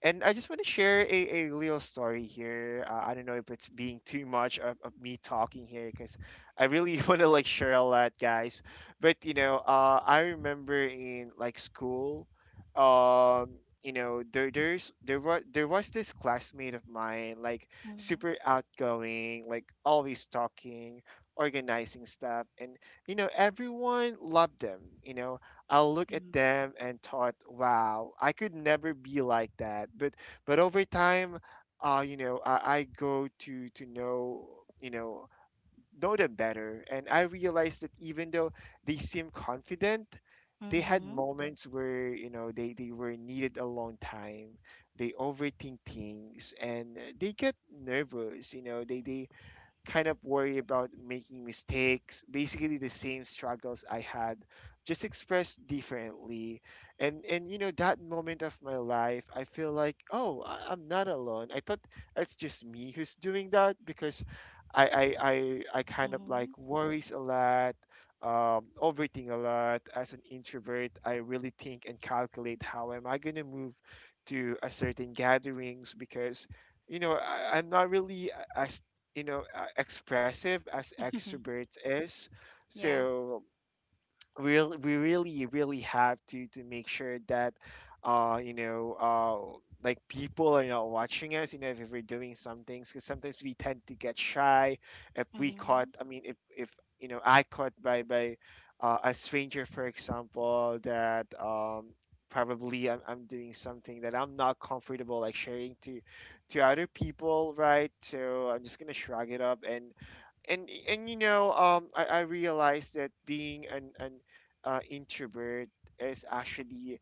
And I just want to share a, a little story here. Uh, I don't know if it's being too much of, of me talking here, because I really want to like share a lot, guys. But you know, uh, I remember in like school, um, you know, there there's there was there was this classmate of mine, like Mm-hmm. super outgoing, like always talking, organizing stuff, and you know, everyone loved them. You know, I'll look at them and thought, wow, I could never be like that. But but over time, uh, you know, I, I go to to know, you know, know them better, and I realized that even though they seem confident, they had Mm-hmm. moments where you know they they were needed alone time. They overthink things and they get nervous. You know, they they kind of worry about making mistakes, basically the same struggles I had, just expressed differently. And and you know, that moment of my life, I feel like, oh, I- I'm not alone. I thought it's just me who's doing that, because I I I, I kind of like Mm-hmm. worries a lot. Um, overthink a lot as an introvert. I really think and calculate how am I going to move to a certain gatherings, because you know, I, I'm not really a, a you know, uh, expressive as extroverts is, Yeah. so real we really really have to to make sure that uh you know, uh like people are not watching us, you know, if, if we're doing some things, because sometimes we tend to get shy if we caught, Mm-hmm. I mean, if if you know, I caught by by uh, a stranger, for example, that um probably I'm, I'm doing something that I'm not comfortable like sharing to to other people, right? So I'm just gonna shrug it up, and and and you know, um I, I realized that being an an uh, introvert is actually,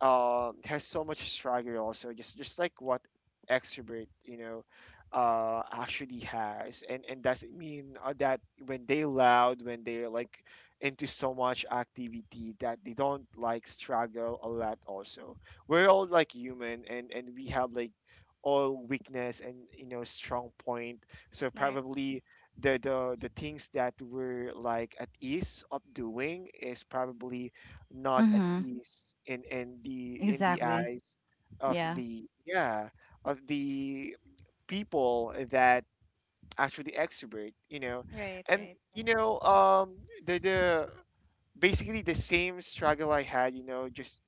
uh, has so much swagger also, just just like what extrovert, you know, uh actually has, and and doesn't mean uh, that when they loud, when they're like into so much activity, that they don't like struggle a lot also. We're all like human, and and we have like all weakness and, you know, strong point. So Right. probably the the the things that we're like at ease of doing is probably not at Mm-hmm. ease in in the in the Exactly. eyes of Yeah. the, yeah, of the people that actually exhibit, you know. Right, And right, you right. know, um the the basically the same struggle I had, you know, just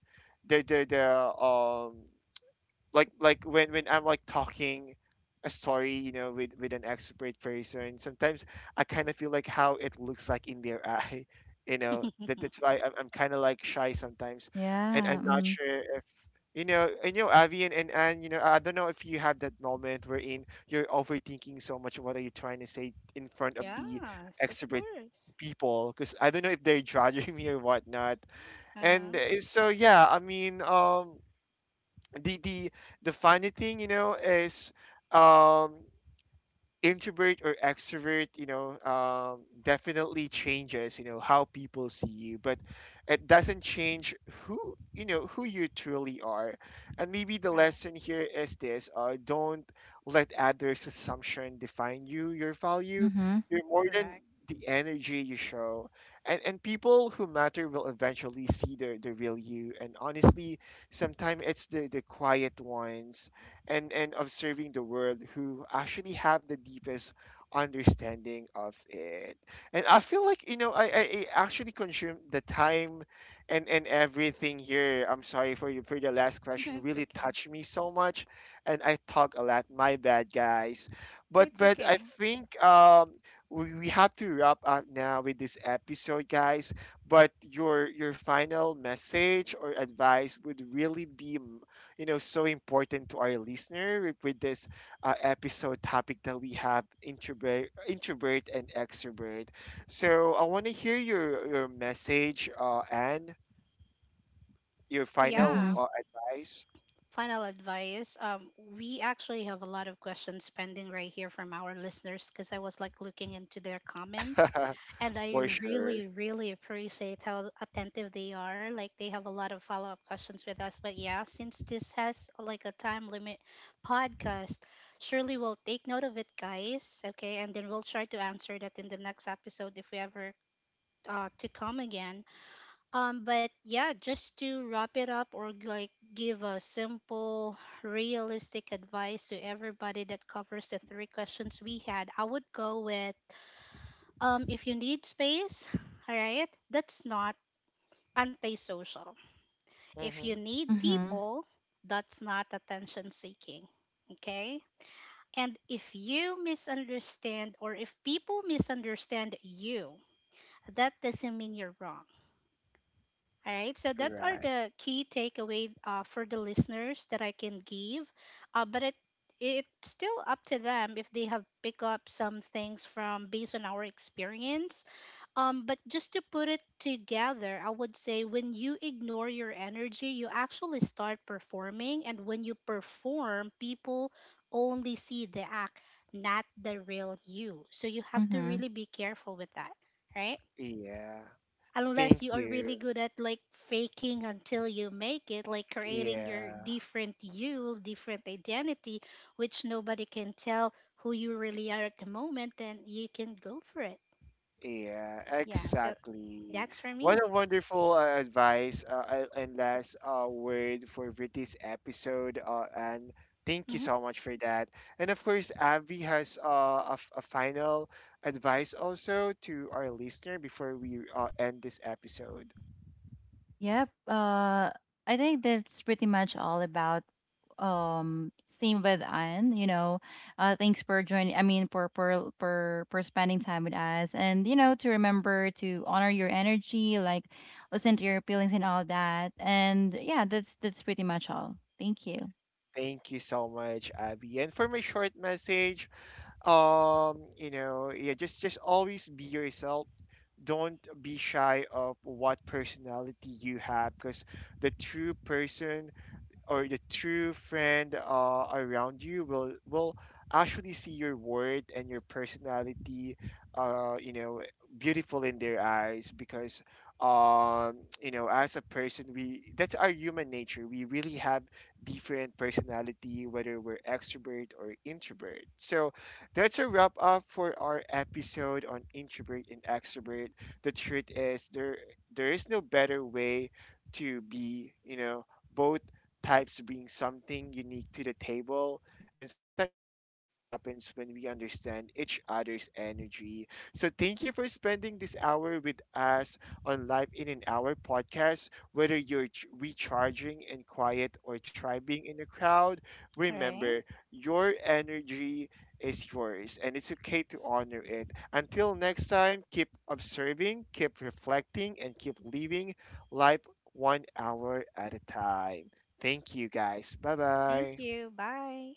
the the the um like like when when I'm like talking a story, you know, with with an expert person. Sometimes I kind of feel like how it looks like in their eye, you know. That that's why I'm, I'm kind of like shy sometimes, and Yeah. I'm not Mm-hmm. sure if. You know, and you know, Avi and, and Anne, you know, I don't know if you have that moment wherein you're overthinking so much what are you trying to say in front of the yes, of expert course. people, because I don't know if they're judging me or whatnot. And Uh-huh. uh, so, yeah, I mean, um, the the the funny thing, you know, is, um introvert or extrovert, you know, um, definitely changes, you know, how people see you, but it doesn't change who you know who you truly are. And maybe the Right. lesson here is this: uh, don't let others assumption define you, your value. Mm-hmm. You're more than Correct. the energy you show. And and people who matter will eventually see the, the real you. And honestly, sometimes it's the the quiet ones and and observing the world who actually have the deepest understanding of it. And I feel like, you know, i i, I actually consume the time and and everything here. I'm sorry for you. For the last question, It's really okay. touched me so much, and I talk a lot. My bad, guys. but It's but I okay. think, um we, we have to wrap up now with this episode, guys. But your your final message or advice would really be, you know, so important to our listener with, with this uh, episode topic that we have: introvert, introvert and extrovert. So I want to hear your your message, uh, and your final Yeah, Mm-hmm. uh, advice. final advice. um we actually have a lot of questions pending right here from our listeners because I was like looking into their comments, and I For sure. really really appreciate how attentive they are. Like they have a lot of follow-up questions with us, but yeah, since this has like a time limit podcast, surely we'll take note of it, guys, okay? And then we'll try to answer that in the next episode if we ever uh, to come again. um, but yeah, just to wrap it up, or like give a simple, realistic advice to everybody that covers the three questions we had, I would go with um, if you need space, all right, that's not antisocial. If you Hmm. need Mm-hmm. people, that's not attention seeking. Okay. And if you misunderstand, or if people misunderstand you, that doesn't mean you're wrong. All right, so that are Right. the key takeaway uh, for the listeners that I can give, uh, but it it's still up to them if they have picked up some things from based on our experience. Um, but just to put it together, I would say when you ignore your energy, you actually start performing, and when you perform, people only see the act, not the real you. So you have to Mm-hmm. really be careful with that, right? Yeah. Unless Thank you are really you. good at like faking until you make it, like creating your Yeah. different you, different identity, which nobody can tell who you really are at the moment, then you can go for it. Yeah, Yeah, so exactly. that's for What me. a wonderful, uh, advice, uh, a- and last, uh, word for this episode. Uh, and thank you Hmm. so much for that. And of course, Avi has uh, a, f- a final advice also to our listener before we uh, end this episode. Yep. Uh, I think that's pretty much all about um same with Anne, you know. Uh thanks for joining. I mean, for for for for spending time with us, and you know to remember to honor your energy, like listen to your feelings and all that. And yeah, that's that's pretty much all. Thank you. Thank you so much, Abby. And for my short message, um, you know, yeah, just just always be yourself. Don't be shy of what personality you have, because the true person or the true friend, uh, around you will will actually see your worth and your personality, uh you know, beautiful in their eyes, because um you know, as a person, we, that's our human nature, we really have different personality, whether we're extrovert or introvert. So that's a wrap up for our episode on introvert and extrovert. The truth is, there there is no better way to be, you know. Both types bring something unique to the table. And sometimes the magic happens when we understand each other's energy. So, thank you for spending this hour with us on Life in an Hour podcast. Whether you're ch- recharging in quiet or tribing in a crowd, All right, remember, your energy is yours, and it's okay to honor it. Until next time, keep observing, keep reflecting, and keep living life one hour at a time. Thank you, guys. Bye thank bye. you, bye.